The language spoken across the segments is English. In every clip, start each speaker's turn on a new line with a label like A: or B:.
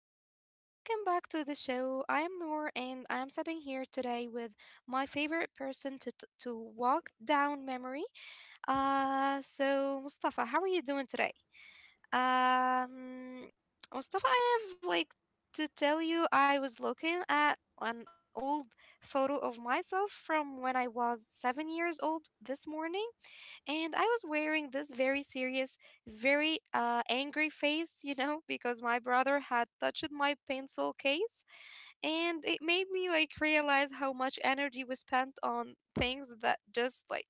A: everyone. Welcome back to the show. I am Noor and I am sitting here today with my favorite person to to walk down memory. So Mustafa, how are you doing today? Um Mustafa, I have like to tell you I was looking at an old photo of myself from when I was 7 years old this morning, and I was wearing this very serious, very angry face, you know, because my brother had touched my pencil case, and it made me like realize how much energy was spent on things that just like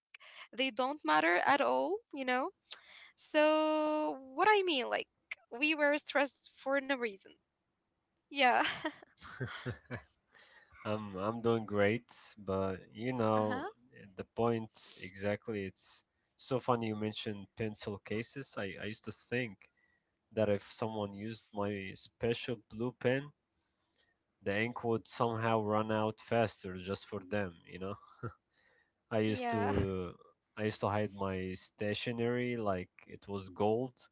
A: they don't matter at all. So what I mean, like we were stressed for no reason. Yeah.
B: I'm doing great, but
A: Uh
B: you
A: huh.
B: know the point exactly. It's so funny you mentioned pencil cases. I used to think that if someone used my special blue pen, the ink would somehow run out faster just for them, you know? I used
A: yeah.
B: to I used to hide my stationery like it was gold.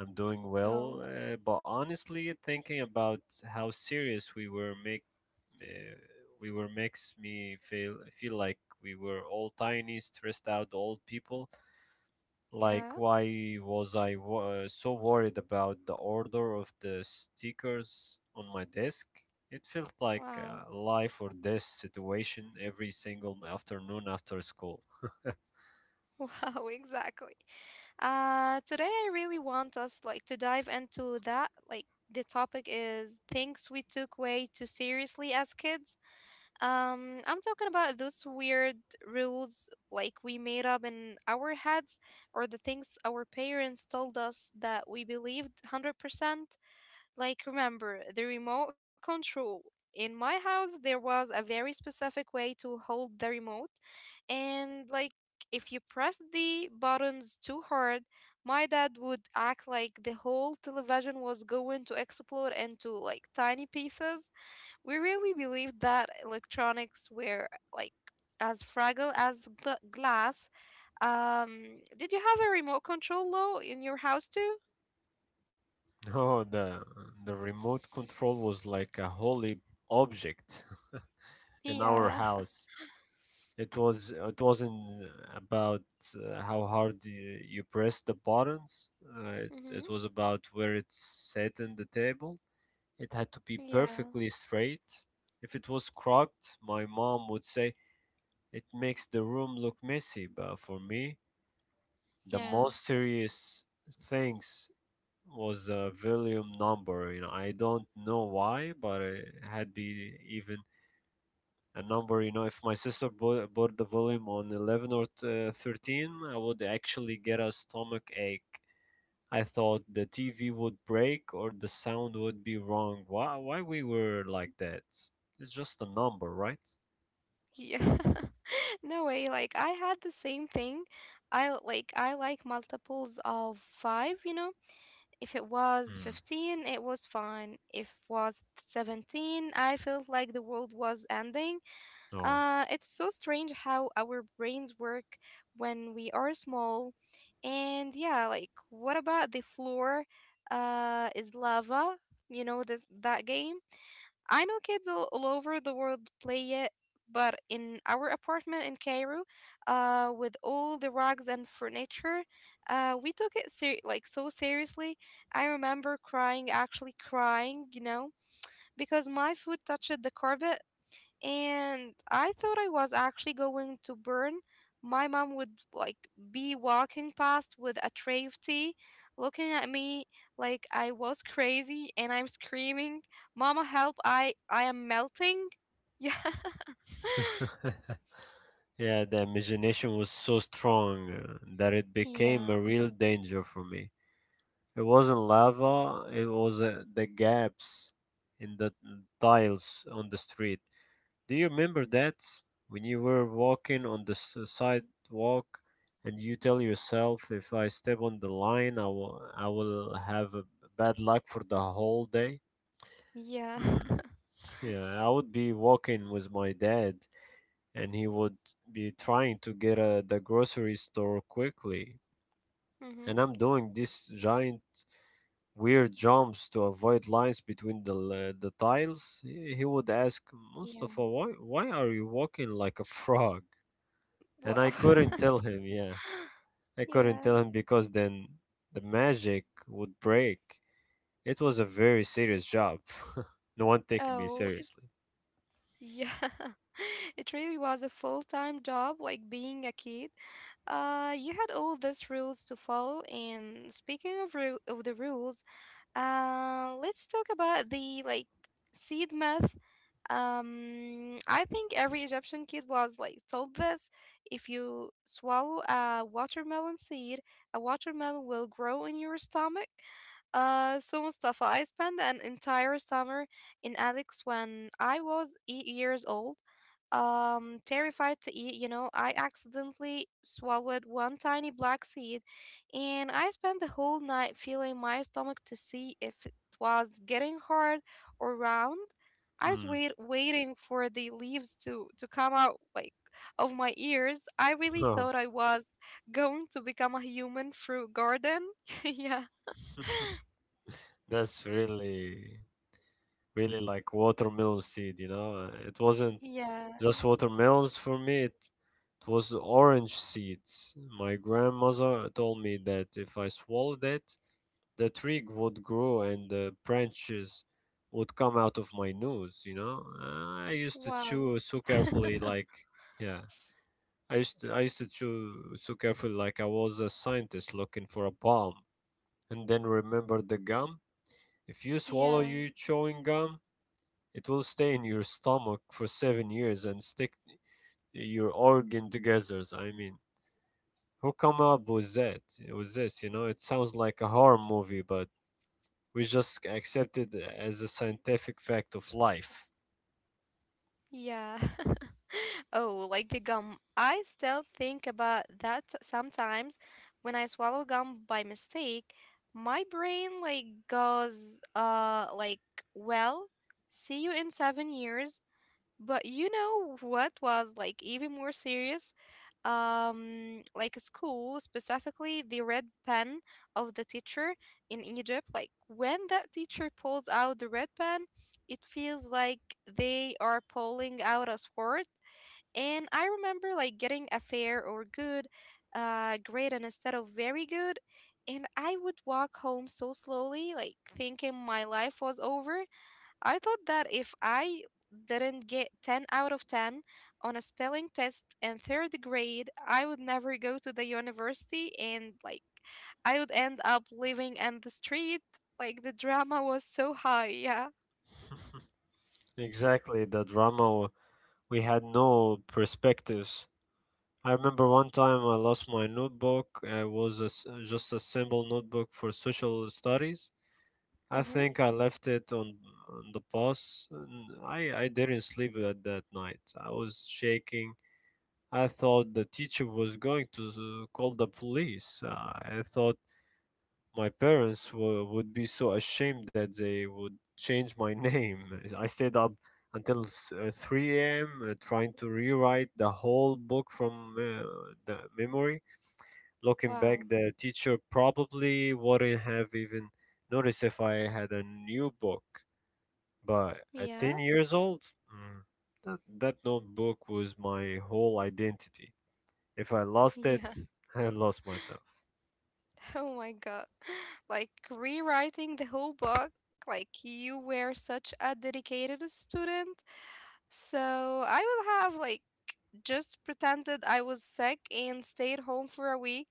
B: I'm doing well,
A: Oh,
B: but honestly, thinking about how serious uh, we were makes me feel like we were all tiny, stressed out old people. Like
A: yeah.
B: why was I so worried about the order of the stickers on my desk? It felt like
A: Wow.
B: a life or death situation every single afternoon after school.
A: Wow, exactly. Today I really want us like to dive into that. Like the topic is things we took way too seriously as kids. I'm talking about those weird rules like we made up in our heads, or the things our parents told us that we believed 100%. Like remember the remote control. In my house, there was a very specific way to hold the remote. And like if you pressed the buttons too hard, my dad would act like the whole television was going to explode into like tiny pieces. We really believed that electronics were like as fragile as glass. Did you have a remote control low in your house too?
B: No, the remote control was like a holy object in our
A: Yeah.
B: house. It wasn't about how hard you press the buttons. Uh, it,
A: Mm-hmm.
B: it was about where it sat on the table. It had to be
A: Yeah.
B: perfectly straight. If it was crooked, my mom would say it makes the room look messy. But for me, the
A: Yeah.
B: most serious things was the volume number. You know, I don't know why, but it had been even a number. You know, if my sister bought the volume on 11 or 13, I would actually get a stomach ache. I thought the TV would break or the sound would be wrong. Why we were like that? It's just a number, right?
A: Yeah. No way, like I had the same thing. Like I like multiples of 5, you know. If it was
B: Hmm.
A: 15, it was fine. If was 17, I felt like the world was ending.
B: No.
A: It's so strange how our brains work when we are small. And yeah, like what about the floor is lava? You know this that game? I know kids all over the world play it, but in our apartment in Cairo, with all the rugs and furniture, we took it like so seriously. I remember crying, actually crying, you know, because my foot touched the carpet and I thought I was actually going to burn. My mom would like be walking past with a tray of tea, looking at me like I was crazy, and I'm screaming, "Mama, help! I am melting!"
B: Yeah, the imagination was so strong that it
A: Yeah,
B: became
A: yeah,
B: a real danger for me. It wasn't lava, it was the gaps in the tiles on the street. Do you remember that when you were walking on the sidewalk and you tell yourself, if I step on the line, I will have a bad luck for the whole day?
A: yeah.
B: Hmm. Yeah, I would be walking with my dad and he would be trying to get the grocery store quickly.
A: mm-hmm.
B: And I'm doing these giant weird jumps to avoid lines between the the tiles, he would ask
A: Yeah.
B: Mustafa, "Why are you walking like a frog?" And
A: Whoa.
B: I couldn't tell him, yeah. I couldn't
A: yeah.
B: tell him because then the magic would break. It was a very serious job. No one taking me
A: Oh,
B: seriously.
A: Yeah, it really was a full-time job, like being a kid. You had all these rules to follow, and speaking of the rules, let's talk about the like seed myth. I think every Egyptian kid was like told this. If you swallow a watermelon seed, a watermelon will grow in your stomach. So Mustafa, I spent an entire summer in Alex when I was 8 years old. Terrified to eat, you know, I accidentally swallowed one tiny black seed, and I spent the whole night feeling my stomach to see if it was getting hard or round. I was
B: Hmm.
A: waiting for the leaves to come out like of my ears. I really
B: Oh,
A: thought I was going to become a human fruit garden. yeah.
B: that's really like watermelon seed, you know? It wasn't
A: Yeah.
B: just watermelons for me, it was orange seeds. My grandmother told me that if I swallowed it, the twig would grow and the branches would come out of my nose, you know. I used to
A: Wow.
B: chew so carefully like yeah I used to chew so carefully like I was a scientist looking for a bomb. And then remember the gum, if you swallow
A: yeah.
B: your chewing gum, it will stay in your stomach for 7 years and stick your organ together. I mean, who come up with that with this? You know, it sounds like a horror movie, but we just accept it as a scientific fact of life.
A: Yeah. Oh, like the gum. I still think about that sometimes when I swallow gum by mistake. My brain like goes, well, see you in 7 years. But you know what was like even more serious? Like school, specifically the red pen of the teacher in Egypt. Like when that teacher pulls out the red pen, it feels like they are pulling out a sword. And I remember like getting a fair or good grade and instead of very good. And I would walk home so slowly, like thinking my life was over. I thought that if I didn't get 10 out of 10 on a spelling test in third grade, I would never go to the university, and like I would end up living in the street. Like the drama was so high. Yeah.
B: Exactly, the drama. We had no perspectives. I remember one time I lost my notebook. It was a s just a simple notebook for social studies. I
A: Mm-hmm.
B: think I left it on the bus. And I didn't sleep at that night. I was shaking. I thought the teacher was going to call the police. I thought my parents would be so ashamed that they would change my name. I stayed up until 3 a.m. Trying to rewrite the whole book from the memory. Looking
A: Wow.
B: back, the teacher probably wouldn't have even noticed if I had a new book. But at
A: Yeah.
B: 10 years old, mm, that notebook was my whole identity. If I lost it, I lost myself.
A: Oh my god. Like rewriting the whole book. Like you were such a dedicated student. So I will have like just pretended I was sick and stayed home for a week.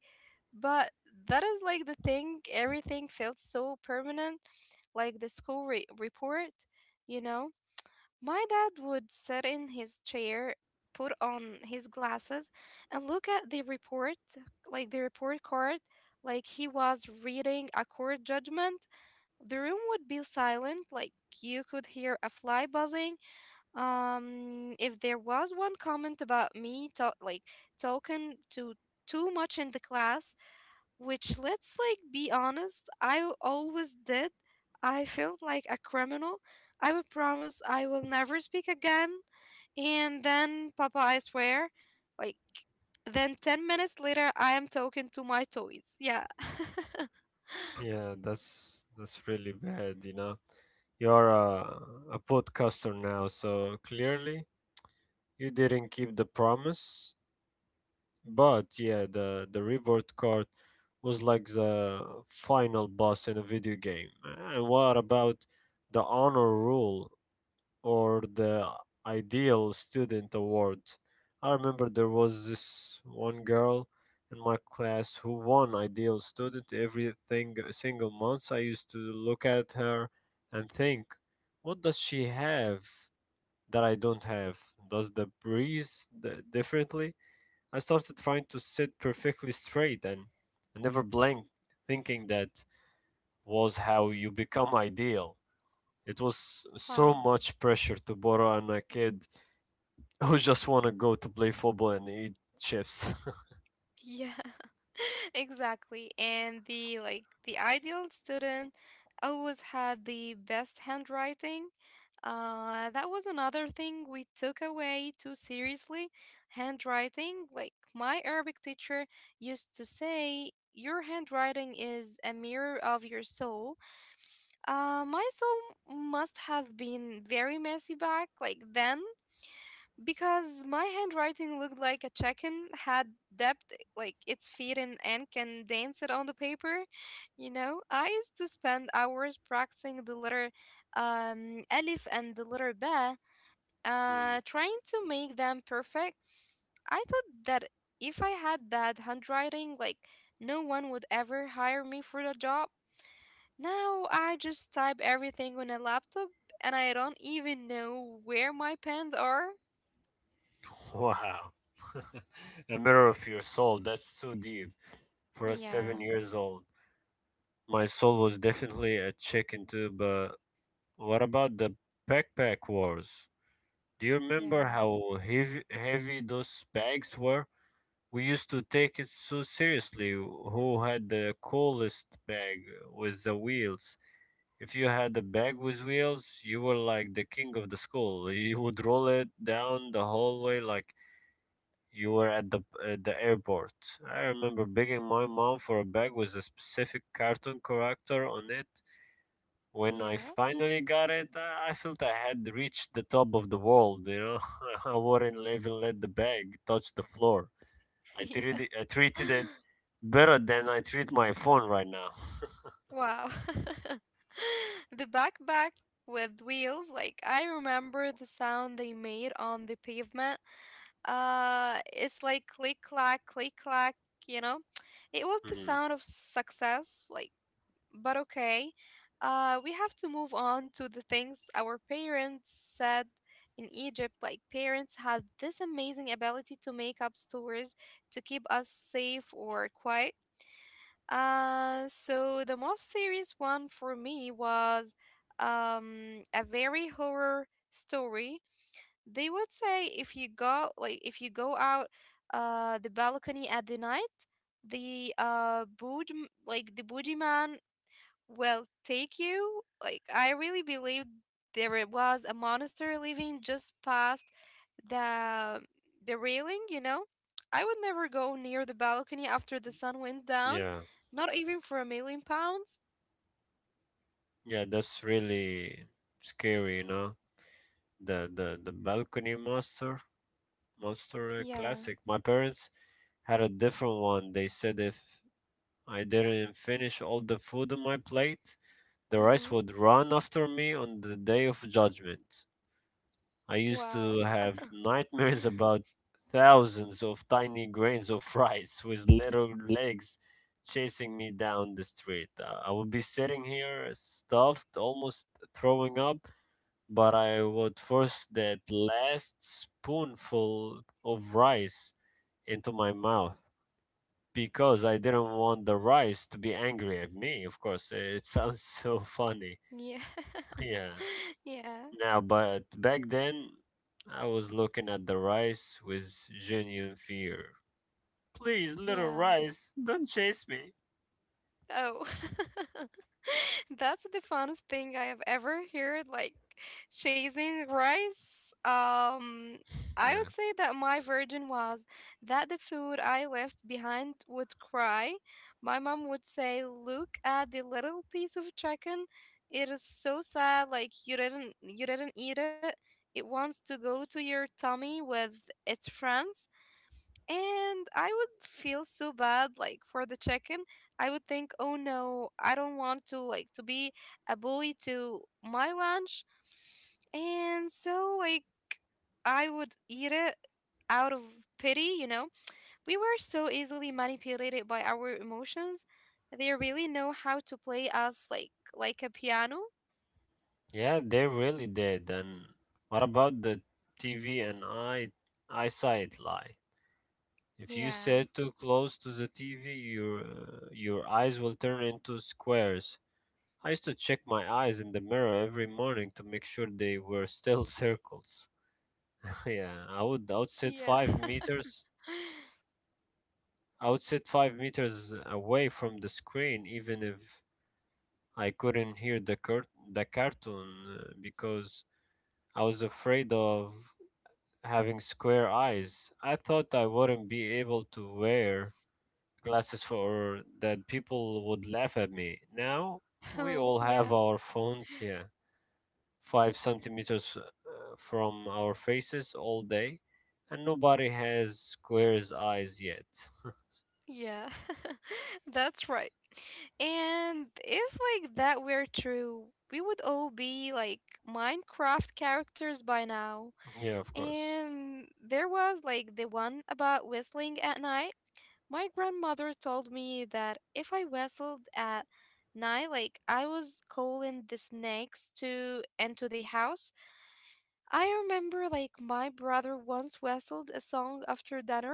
A: But that is like the thing. Everything felt so permanent. Like the school report, you know? My dad would sit in his chair, put on his glasses, and look at the report, like the report card, like he was reading a court judgment. The room would be silent, like you could hear a fly buzzing. If there was one comment about me, like talking to too much in the class, which let's like be honest I always did, I felt like a criminal. I would promise I will never speak again, and then papa I swear, like then 10 minutes later I am talking to my toys. Yeah
B: Yeah, that's really bad, you know. You're a podcaster now, so clearly you didn't keep the promise. But yeah, the reward card was like the final boss in a video game. And what about the honor rule? Or the Ideal Student Award. I remember there was this one girl in my class who won Ideal Student every single month. I used to look at her and think, what does she have that I don't have? Does the breeze differently? I started trying to sit perfectly straight and I never blinked, thinking that was how you become ideal. It was so
A: wow
B: much pressure to borrow on a kid who just want to go to play football and eat chips.
A: Yeah, exactly. And the like the ideal student always had the best handwriting. That was another thing we took away too seriously. Handwriting, like my Arabic teacher used to say, your handwriting is a mirror of your soul. My soul must have been very messy back like then, because my handwriting looked like a chicken had depth like its feet in and can dance it on the paper, you know. I used to spend hours practicing the letter alif and the letter ba,
B: Hmm.
A: trying to make them perfect. I thought that if I had bad handwriting, like no one would ever hire me for the job. Now I just type everything on a laptop, and I don't even know where my pens are.
B: Wow. A mirror of your soul. That's too deep for a
A: Yeah
B: 7 years old. My soul was definitely a chicken too, but what about the backpack wars? Do you remember
A: yeah
B: how heavy those bags were? We used to take it so seriously who had the coolest bag with the wheels. If you had a bag with wheels, you were like the king of the school. You would roll it down the hallway like you were at the airport. I remember begging my mom for a bag with a specific cartoon character on it when I
A: Yeah.
B: finally got it, I felt I had reached the top of the world, you know. I wouldn't even let the bag touch the floor.
A: Yeah.
B: I treated it better than I treat my phone right now.
A: Wow. The backpack with wheels, like I remember the sound they made on the pavement. It's like click clack, you know? It was the
B: Mm,
A: sound of success, like, but okay. We have to move on to the things our parents said in Egypt. Like, parents had this amazing ability to make up stories to keep us safe or quiet. So the most serious one for me was a very horror story. They would say if you go out the balcony at the night, the bood, like the boogeyman, will take you. Like I really believed there it was a monster living just past the the railing, you know? I would never go near the balcony after the sun went down,
B: yeah,
A: not even for £1,000,000.
B: yeah, that's really scary, you know. The balcony monster, monster
A: Yeah.
B: classic. My parents had a different one. They said if I didn't finish all the food on my plate, the rice
A: Mm-hmm.
B: would run after me on the day of judgment. I used
A: Wow.
B: to have nightmares about thousands of tiny grains of rice with little legs chasing me down the street. I would be sitting here stuffed, almost throwing up, but I would force that last spoonful of rice into my mouth because I didn't want the rice to be angry at me. Of course, it sounds so funny.
A: Yeah.
B: Yeah.
A: yeah.
B: Now, but back then, I was looking at the rice with genuine fear. Please, little
A: Yeah.
B: rice, don't chase me.
A: Oh. That's the funnest thing I have ever heard, like chasing rice. I
B: Yeah.
A: would say that my version was that the food I left behind would cry. My mom would say, "Look at the little piece of chicken. It is so sad. Like you didn't eat it. It wants to go to your tummy with its friends." And I would feel so bad like for the chicken. I would think, "Oh no, I don't want to like to be a bully to my lunch." And so like I would eat it out of pity, you know? We were so easily manipulated by our emotions. They really know how to play us like a piano.
B: Yeah, they really did. And what about the TV and eyesight lie? If you
A: Yeah.
B: sit too close to the TV, your eyes will turn into squares. I used to check my eyes in the mirror every morning to make sure they were still circles. Yeah,
A: Yeah.
B: I would sit 5 meters away from the screen, even if I couldn't hear the the cartoon because I was afraid of having square eyes. I thought I wouldn't be able to wear glasses for that people would laugh at me. Now we
A: Oh,
B: all have
A: yeah.
B: our phones here, five centimeters from our faces all day, and nobody has square eyes yet.
A: Yeah, that's right. And if like that were true, we would all be like Minecraft characters by now.
B: Yeah, of course.
A: And there was like the one about whistling at night. My grandmother told me that if I whistled at night, like I was calling the snakes to enter the house. I remember like my brother once whistled a song after dinner,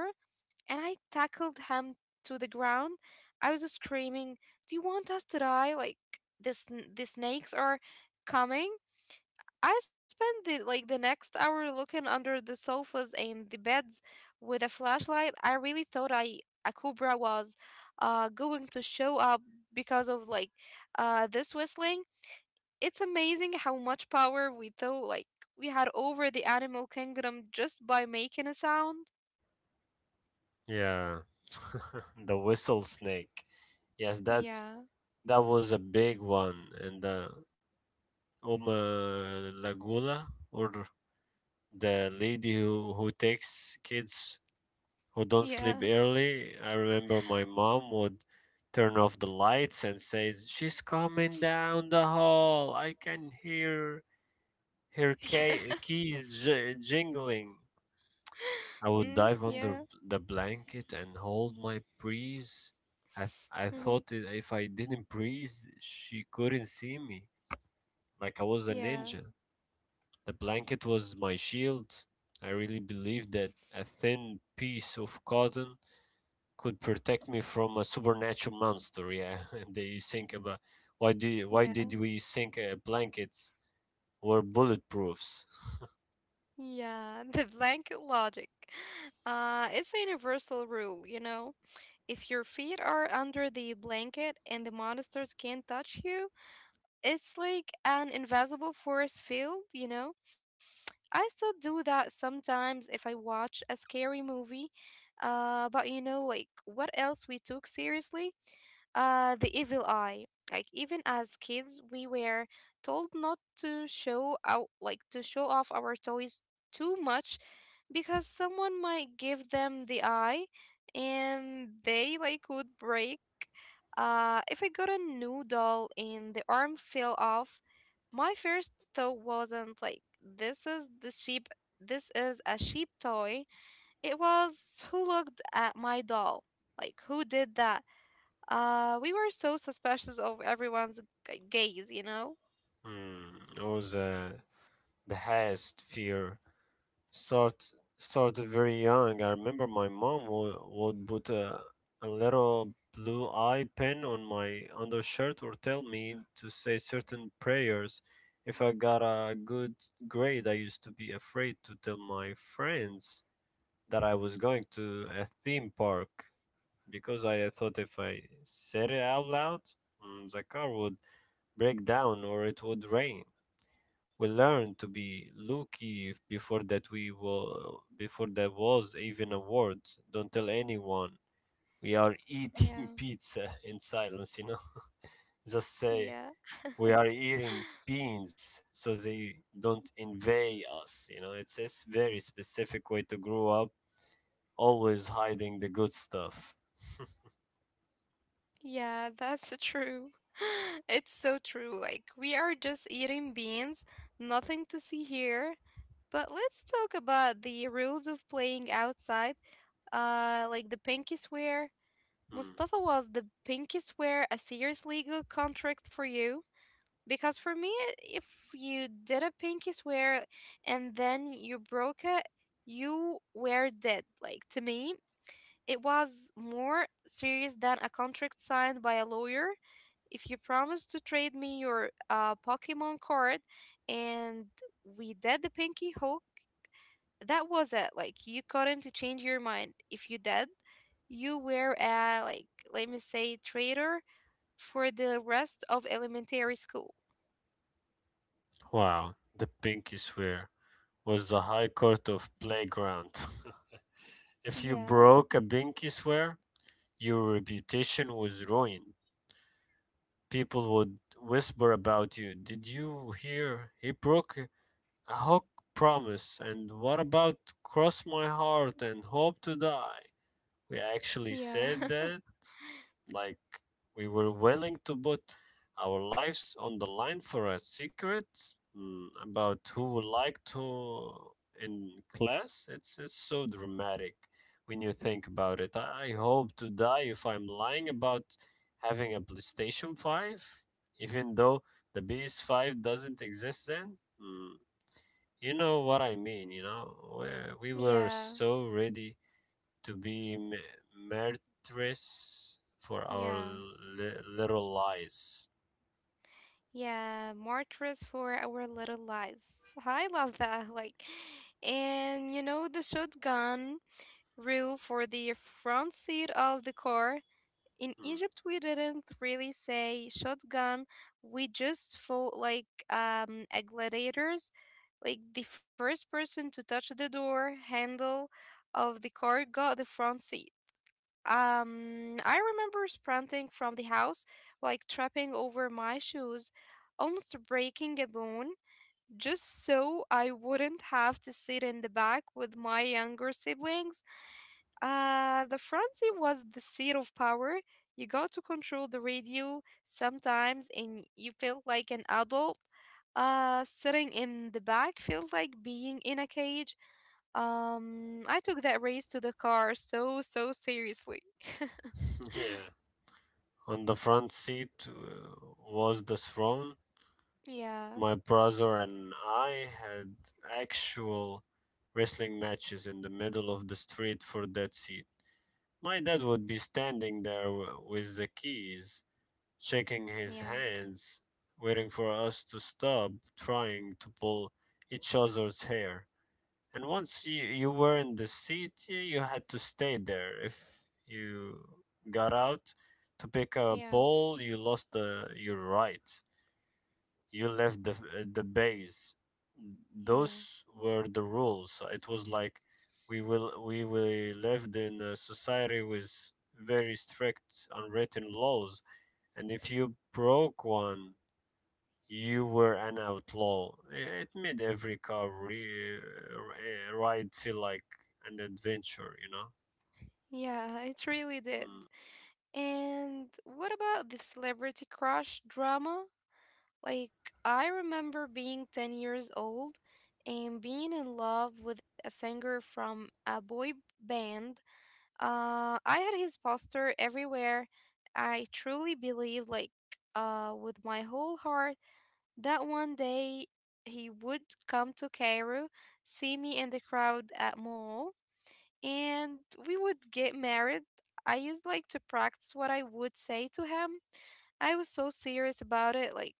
A: and I tackled him to the ground. I was screaming, "Do you want us to die? Like the the snakes are coming!" I spent the like the next hour looking under the sofas and the beds with a flashlight. I really thought I a cobra was going to show up because of like this whistling. It's amazing how much power we thought like we had over the animal kingdom just by making a sound.
B: Yeah. The whistle snake. Yes, that
A: Yeah.
B: that was a big one in the Uma Lagula or the lady who takes kids who don't sleep
A: Yeah.
B: early. I remember my mom would turn off the lights and says, "She's coming down the hall. I can hear her ca- keys j- jingling." I
A: Mm,
B: would dive
A: yeah.
B: under the blanket and hold my breeze. I
A: Mm-hmm.
B: thought I- if I didn't breathe, she couldn't see me, like I was a
A: Yeah.
B: ninja. The blanket was my shield. I really believed that a thin piece of cotton could protect me from a supernatural monster. Yeah, and they think about why do you- why did
A: Yeah.
B: we think blankets were bulletproofs?
A: Yeah. The blanket logic. It's a universal rule, you know. If your feet are under the blanket and the monsters can't touch you, it's like an invisible force field, you know. I still do that sometimes if I watch a scary movie. But you know, like, what else we took seriously? The evil eye. Like even as kids, we were told not to show out, like to show off our toys too much, because someone might give them the eye, and they like would break. If I got a new doll and the arm fell off, my first thought wasn't like this is the sheep. This is a sheep toy. It was who looked at my doll. Like, who did that? We were so suspicious of everyone's gaze, you know?
B: hmm, it was the highest fear Start started very young. I remember my mom would put a little blue eye pen on my undershirt or tell me to say certain prayers. If I got a good grade, I used to be afraid to tell my friends that I was going to a theme park because I thought if I said it out loud, the car would break down or it would rain. We learned to be lucky before that we will before there was even a word, don't tell anyone we are eating
A: Yeah,
B: pizza in silence, you know. Just say
A: yeah,
B: we are eating beans so they don't invade us, you know. It's a very specific way to grow up, always hiding the good stuff.
A: yeah, that's true. It's so true. Like, we are just eating beans, nothing to see here. But let's talk about the rules of playing outside. Like the pinky swear.
B: Hmm.
A: Mustafa, was the pinky swear a serious legal contract for you? Because for me, if you did a pinky swear and then you broke it, you were dead. Like, to me it was more serious than a contract signed by a lawyer. If you promised to trade me your Pokemon card and we did the pinky hook, that was it. Like, you couldn't change your mind. If you did, you were a, let me say, traitor for the rest of elementary school.
B: Wow, the pinky swear was the high court of playground. If you
A: Yeah.
B: broke a pinky swear, your reputation was ruined. People would whisper about you. Did you hear? He broke a hook promise. And what about cross my heart and hope to die? We actually
A: Yeah.
B: said that? Like we were willing to put our lives on the line for a secret, about who would like to in class. It's so dramatic when you think about it. I hope to die if I'm lying about having a PlayStation 5, even though the PS5 doesn't exist then. Mm, you know what I mean, you know? We were
A: Yeah.
B: so ready to be martyrs for our
A: Yeah.
B: little lies.
A: Yeah. Markers for our little lies. I love that. Like, and you know, the shotgun rule for the front seat of the car. In
B: Hmm.
A: Egypt, we didn't really say shotgun. We just fought like a gladiators. Like, the first person to touch the door handle of the car got the front seat. I remember sprinting from the house, like tripping over my shoes, almost breaking a bone, just so I wouldn't have to sit in the back with my younger siblings. The front seat was the seat of power. You got to control the radio sometimes, and you felt like an adult. Sitting in the back felt like being in a cage. I took that race to the car so, so seriously.
B: Yeah. On the front seat was the throne.
A: Yeah,
B: My brother and I had actual wrestling matches in the middle of the street for that seat. My dad would be standing there with the keys, shaking his
A: yeah,
B: hands, waiting for us to stop trying to pull each other's hair. And once you were in the city, you had to stay there. If you got out to pick a
A: yeah,
B: ball, you lost the your rights. You left the base.
A: yeah,
B: Those were the rules. It was like we will we lived in a society with very strict unwritten laws, and if you broke one you were an outlaw. It made every car ride feel like an adventure, you know?
A: yeah, it really did.
B: Mm.
A: And what about the celebrity crush drama? Like, I remember being 10 years old and being in love with a singer from a boy band. I had his poster everywhere. I truly believe, with my whole heart, that one day he would come to Cairo, see me in the crowd at mall, and we would get married. I used like to practice what I would say to him. I was so serious about it. Like,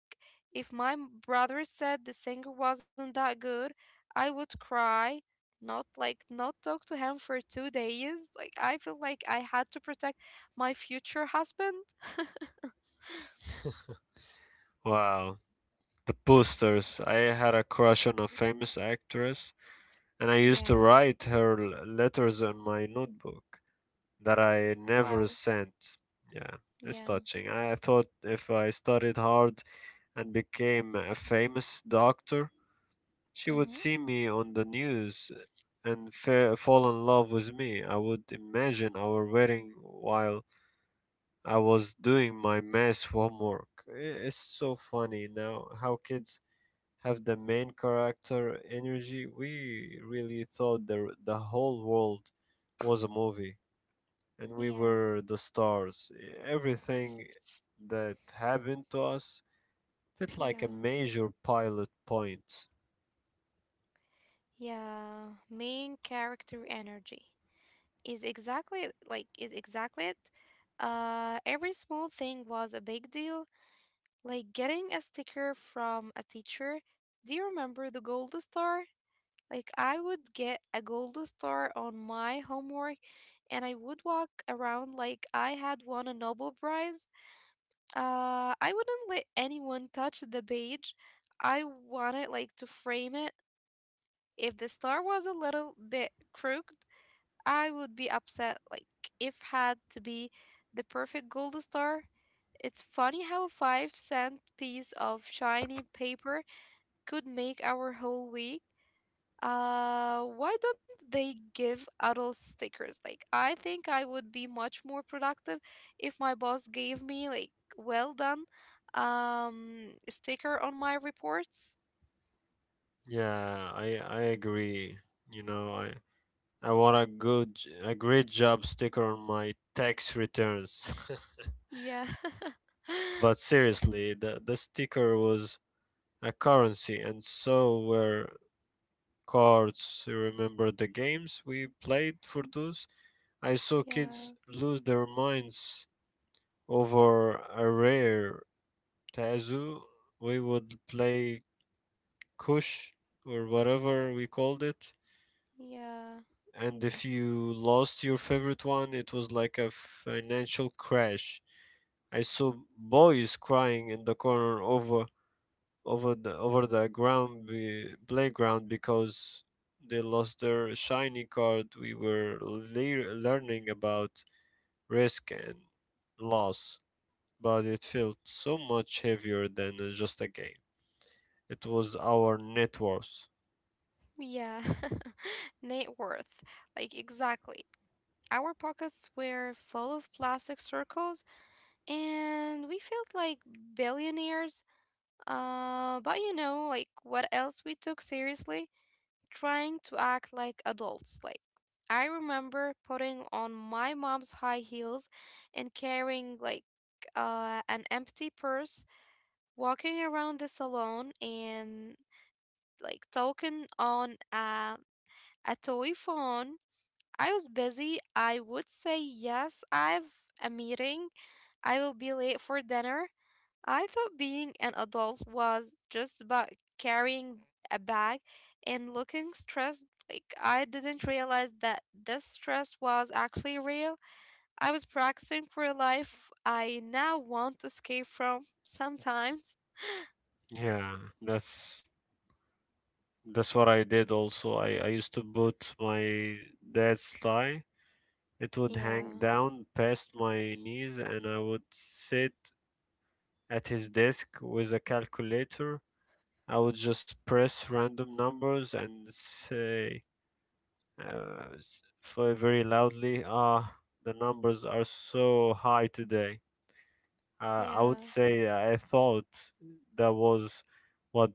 A: if my brother said the singer wasn't that good, I would cry, not not talk to him for 2 days. Like, I feel like I had to protect my future husband.
B: Wow. The posters. I had a crush on a famous actress, and I used to
A: Yeah.
B: write her letters on my notebook that I never
A: Wow.
B: sent. Yeah, it's
A: Yeah.
B: touching. I thought if I studied hard and became a famous doctor, she would see
A: Mm-hmm.
B: me on the news and fall in love with me. I would imagine our wedding while I was doing my math homework. It's so funny now how kids have the main character energy. We really thought the whole world was a movie and we were
A: Yeah.
B: the stars. Everything that happened to us felt like a
A: Yeah.
B: major pilot point.
A: Yeah. Main character energy is exactly it. Every small thing was a big deal, like getting a sticker from a teacher. Do you remember the gold star? Like, I would get a gold star on my homework, and I would walk around like I had won a Nobel Prize. I wouldn't let anyone touch the page. I wanted like to frame it. If the star was a little bit crooked, I would be upset. Like, if had to be the perfect gold star. It's funny how a 5 cent piece of shiny paper could make our whole week. Why don't they give adult stickers? Like, I think I would be much more productive if my boss gave me like well done sticker on my reports.
B: Yeah, I agree. You know, I want a good a great job sticker on my tax returns.
A: Yeah.
B: But seriously, the sticker was a currency, and so were cards. You remember the games we played for those? I saw
A: Yeah.
B: kids lose their minds over a rare tazu. We would play kush or whatever we called it,
A: Yeah.
B: and if you lost your favorite one, it was like a financial crash. I saw boys crying in the corner over the playground because they lost their shiny card. We were learning about risk and loss, but it felt so much heavier than just a game. It was our net worth.
A: Yeah, net worth. Like, exactly. Our pockets were full of plastic circles and we felt like billionaires. But you know, like, what else we took seriously? Trying to act like adults. Like, I remember putting on my mom's high heels and carrying, like, an empty purse, walking around the salon and, like, talking on a toy phone. I was busy. I would say, yes, I've a meeting. I will be late for dinner. I thought being an adult was just about carrying a bag and looking stressed. Like, I didn't realize that this stress was actually real. I was practicing for a life I now want to escape from sometimes.
B: Yeah, that's that's what I did also. I used to put my dad's tie. It would
A: Yeah,
B: hang down past my knees, and I would sit at his desk with a calculator. I would just press random numbers and say, very loudly, the numbers are so high today. I would
A: yeah,
B: say I thought that was what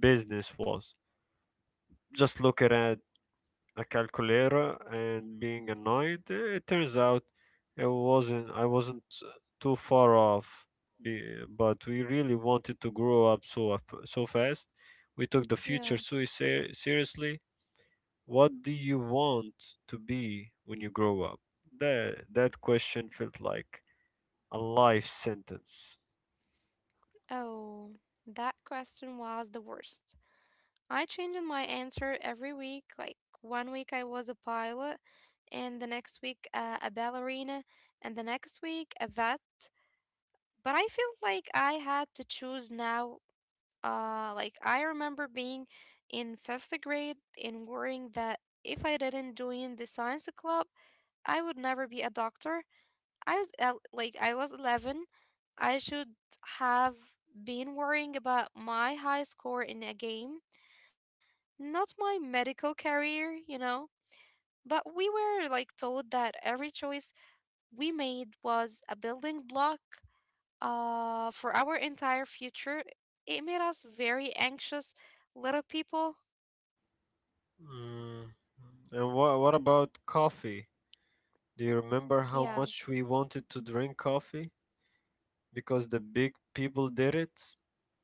B: business was. Just look at a calculator and being annoyed. It turns out it wasn't. I wasn't too far off. But we really wanted to grow up so so fast. We took the
A: yeah.
B: future so seriously. What do you want to be when you grow up? That question felt like a life sentence.
A: Oh, that question was the worst. I changed my answer every week. Like, one week I was a pilot, and the next week a ballerina, and the next week a vet. But I feel like I had to choose now. Like I remember being in fifth grade and worrying that if I didn't join the science club, I would never be a doctor. I was 11. I should have been worrying about my high score in a game, not my medical career, you know, but we were like told that every choice we made was a building block for our entire future. It made us very anxious little people.
B: Mm. And what about coffee? Do you remember
A: Yeah,
B: how much we wanted to drink coffee? Because the big people did it.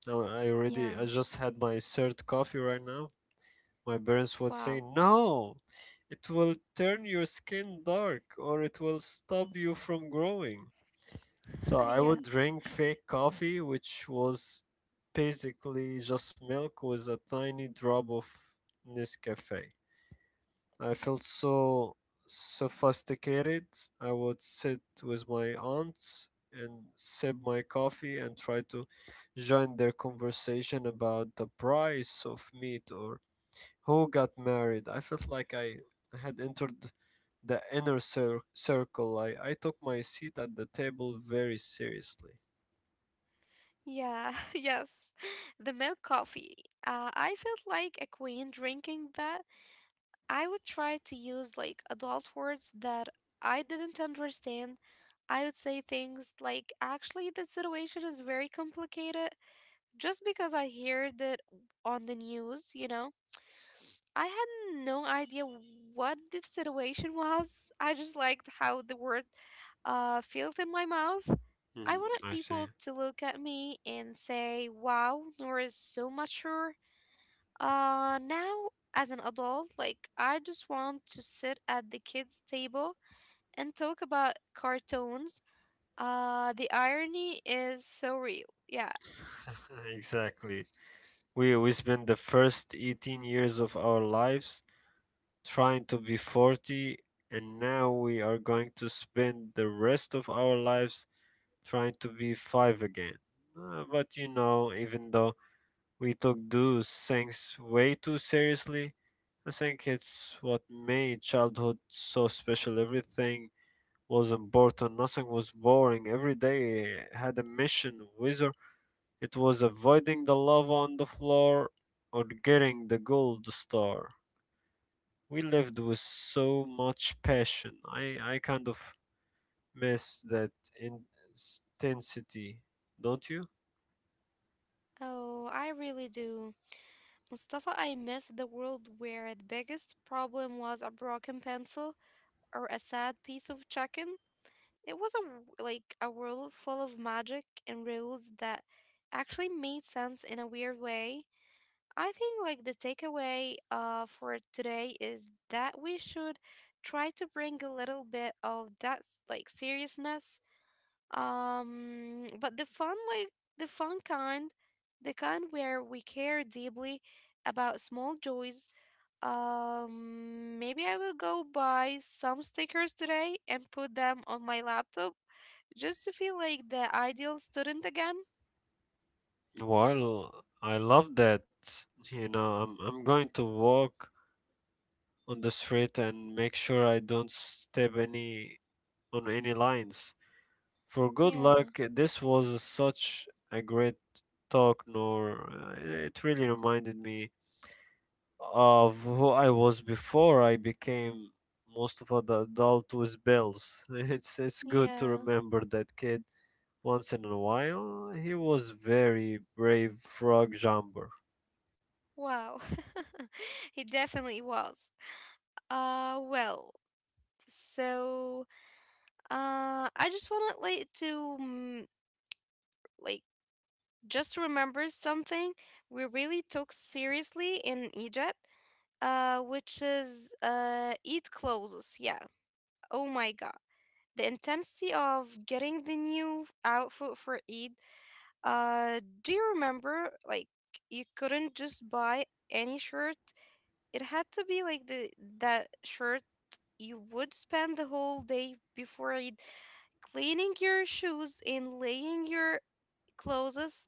B: I
A: yeah,
B: just had my third coffee right now. My parents would say,
A: wow.
B: "No, it will turn your skin dark or it will stop you from growing." So I
A: yeah,
B: would drink fake coffee, which was basically just milk with a tiny drop of Nescafe. I felt so sophisticated. I would sit with my aunts and sip my coffee and try to join their conversation about the price of meat or who got married. I felt like I had entered the inner circle. I took my seat at the table very seriously.
A: yeah, yes. The milk coffee. I felt like a queen drinking that. I would try to use like adult words that I didn't understand. I would say things like, actually, the situation is very complicated, just because I heard it on the news, you know? I had no idea what the situation was. I just liked how the word felt in my mouth. I
B: Mm,
A: wanted
B: I see.
A: people to look at me and say, wow, Nora is so mature. Now, as an adult, like, I just want to sit at the kids' table and talk about cartoons. The irony is so real. Yeah.
B: Exactly. We spend the first 18 years of our lives trying to be 40, and now we are going to spend the rest of our lives trying to be 5 again. But you know, even though we took those things way too seriously, I think it's what made childhood so special. Everything was important, nothing was boring. Every day had a mission, whether it was avoiding the lava on the floor or getting the gold star, we lived with so much passion. I kind of miss that intensity, don't you?
A: Oh, I really do. Mustafa, I miss the world where the biggest problem was a broken pencil or a sad piece of chicken. It was a a world full of magic and rules that actually made sense in a weird way. I think like the takeaway for today is that we should try to bring a little bit of that seriousness, but the fun kind, the kind where we care deeply about small joys. Maybe I will go buy some stickers today and put them on my laptop just to feel like the ideal student again.
B: Well, I love that. You know, I'm going to walk on the street and make sure I don't step any on any lines. For good luck,
A: Yeah,
B: this was such a great talk, Nor. It really reminded me of who I was before I became most of the adult with bills. It's good to
A: yeah.
B: remember that kid once in a while. He was very brave frog jumper.
A: Wow. He definitely was. Uh, well, so I just wanted like to like just remember something we really took seriously in Egypt, which is eat clothes. Yeah. Oh my God. The intensity of getting the new outfit for Eid. Do you remember, like, you couldn't just buy any shirt? It had to be like the that shirt. You would spend the whole day before Eid cleaning your shoes and laying your clothes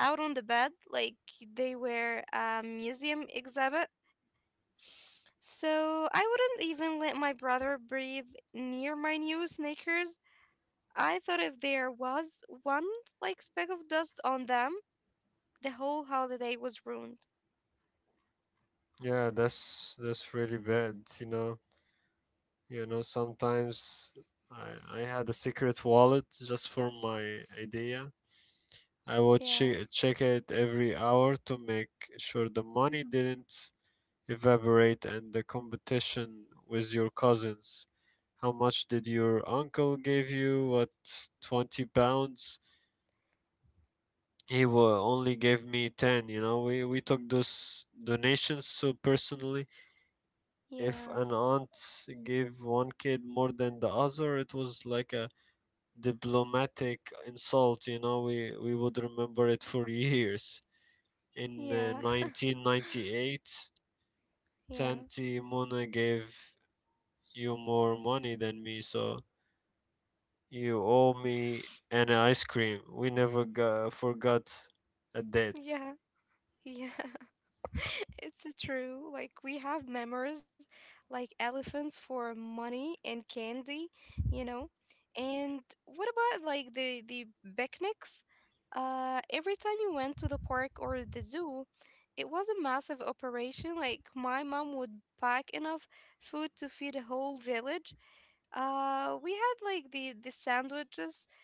A: out on the bed like they were a museum exhibit. So I wouldn't even let my brother breathe near my new sneakers. I thought if there was one like speck of dust on them, the whole holiday was ruined.
B: Yeah, that's really bad, you know. You know, sometimes I had a secret wallet just for my idea. I would
A: Yeah,
B: check it every hour to make sure the money didn't evaporate, and the competition with your cousins. How much did your uncle give you? What, 20 pounds? He wa only gave me 10, you know. We took those donations so personally. If
A: yeah,
B: an aunt gave one kid more than the other, it was like a diplomatic insult, you know. We would remember it for years. In
A: yeah,
B: 1998,
A: yeah,
B: Tanti Mona gave you more money than me, so you owe me an ice cream. We never forgot a debt.
A: yeah, yeah. It's true. Like, we have memories like elephants for money and candy, you know. And what about like the picnics? Every time you went to the park or the zoo, it was a massive operation. Like, my mom would pack enough food to feed a whole village. We had like the sandwiches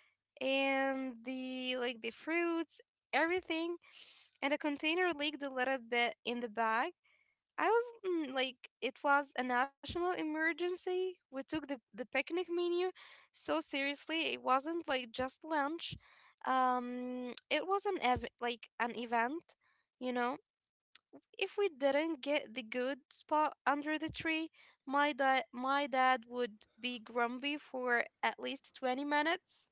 A: and the fruits, everything, and a container leaked a little bit in the bag. I was it was a national emergency. We took the picnic menu so seriously. It wasn't like just lunch. It was an an event, you know. If we didn't get the good spot under the tree, my dad would be grumpy for at least 20 minutes.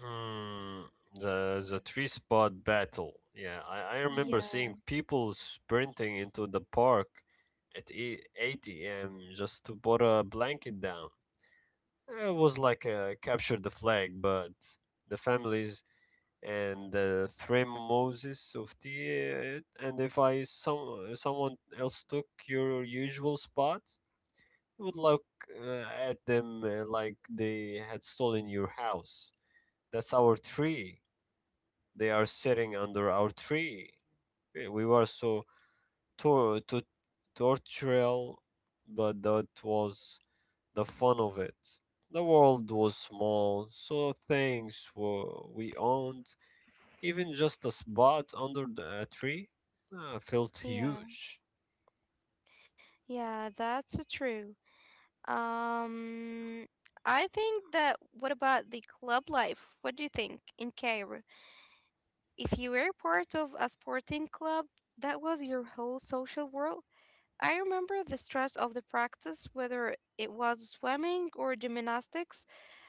B: Hmm. The three spot battle. Yeah, I remember seeing
A: Yeah.
B: people sprinting into the park at 8 a.m. just to put a blanket down. It was like a capture the flag, but the families and three mimosas of tea. And if I some someone else took your usual spot, you would look uh, at them like they had stolen your house. That's our tree. They are sitting under our tree. We were so tor- to tortural, but that was the fun of it. The world was small, so things were, we owned, even just a spot under a tree, felt
A: Yeah,
B: huge.
A: yeah, that's true. Um, I think that what about the club life? What do you think in Cairo? If you were part of a sporting club, that was your whole social world. I remember the stress of the practice, whether it was swimming or gymnastics.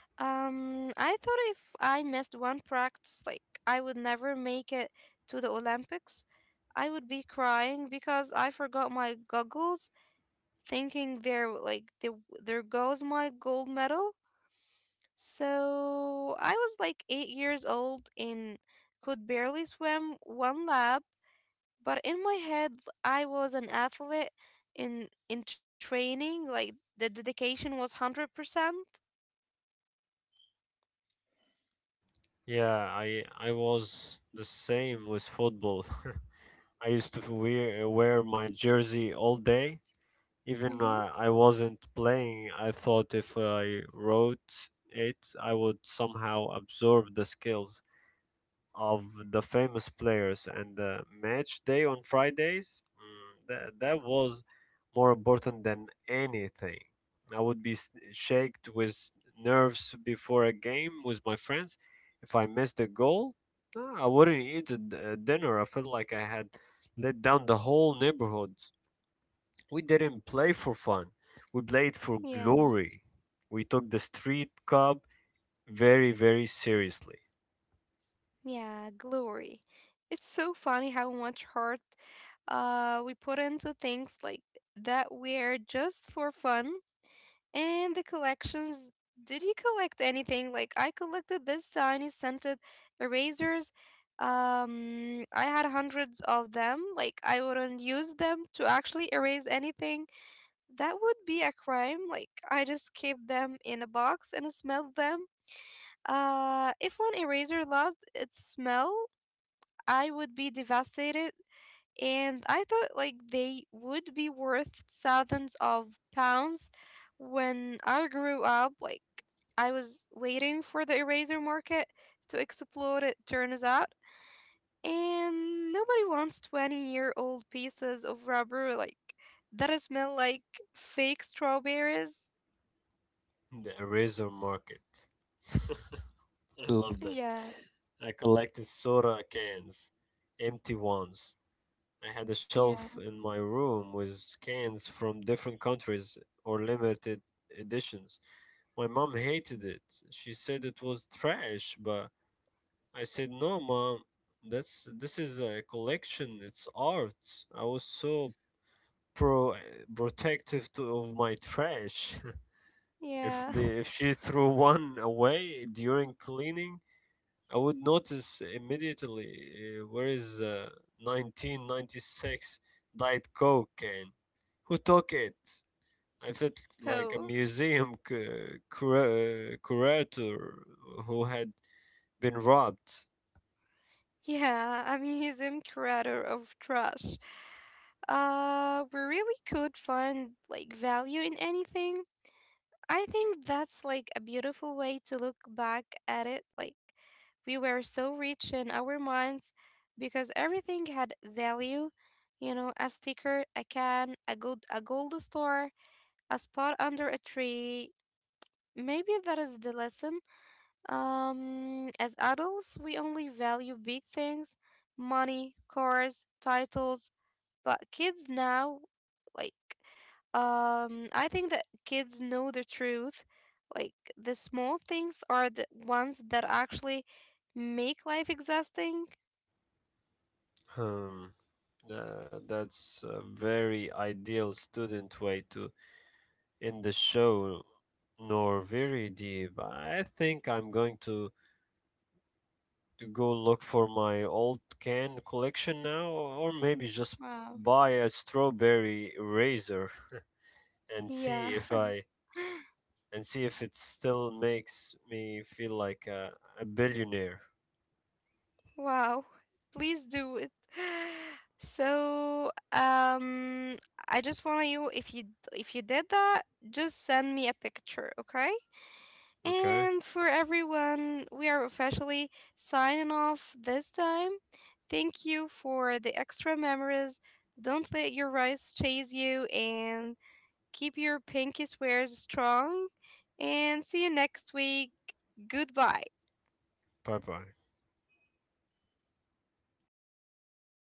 A: I thought if I missed one practice, like, I would never make it to the Olympics. I would be crying because I forgot my goggles, thinking there goes my gold medal. So I was like 8 years old and could barely swim one lap, but in my head I was an athlete in training. Like, the dedication was 100%.
B: Yeah, I was the same with football. I used to wear my jersey all day. Even
A: Mm-hmm.
B: I wasn't playing, I thought if I wrote it, I would somehow absorb the skills of the famous players. And the match day on Fridays, that was more important than anything. I would be shaked with nerves before a game with my friends. If I missed a goal, I wouldn't eat a dinner. I felt like I had let down the whole neighborhood. We didn't play for fun. We played for
A: Yeah.
B: glory. We took the street cup very, very seriously.
A: Yeah, glory. It's so funny how much heart we put into things like that we're just for fun. And the collections. Did you collect anything? Like, I collected this tiny scented erasers. I had hundreds of them. Like, I wouldn't use them to actually erase anything. That would be a crime. Like, I just kept them in a box and smelled them. If one eraser lost its smell, I would be devastated, and I thought like they would be worth thousands of pounds. When I grew up, like, I was waiting for the eraser market to explode, it turns out. And nobody wants 20-year-old pieces of rubber like that smell like fake strawberries.
B: The eraser market. I love that.
A: Yeah,
B: I collected soda cans, empty ones. I had a
A: yeah,
B: shelf in my room with cans from different countries or limited editions. My mom hated it. She said it was trash, but I said, "No, mom. That's This is a collection. It's art." I was so pro protective of my trash.
A: yeah.
B: If the if she threw one away during cleaning, I would notice immediately. Where is 1996 Diet Coke can? Who took it? I felt like a
A: Oh.
B: museum curator who had been robbed.
A: Yeah, I mean, he's in creator of trash. We really could find like value in anything. I think that's like a beautiful way to look back at it. Like, we were so rich in our minds because everything had value. You know, a sticker, a can, a gold star, a spot under a tree. Maybe that is the lesson. As adults, we only value big things: money, cars, titles. But kids now, like, I think that kids know the truth. Like, the small things are the ones that actually make life exhausting.
B: Hmm. That's a very ideal student way to end the show, Nor. Very deep. I think I'm going to go look for my old can collection now, or maybe just
A: Wow.
B: buy a strawberry razor and see
A: Yeah.
B: if I and see if it still makes me feel like a billionaire.
A: wow. Please do it. So, I just want you, if you did that, just send me a picture, okay?
B: Okay,
A: And for everyone, we are officially signing off this time. Thank you for the extra memories. Don't let your rice chase you and keep your pinky swears strong. And see you next week. Goodbye.
B: bye bye.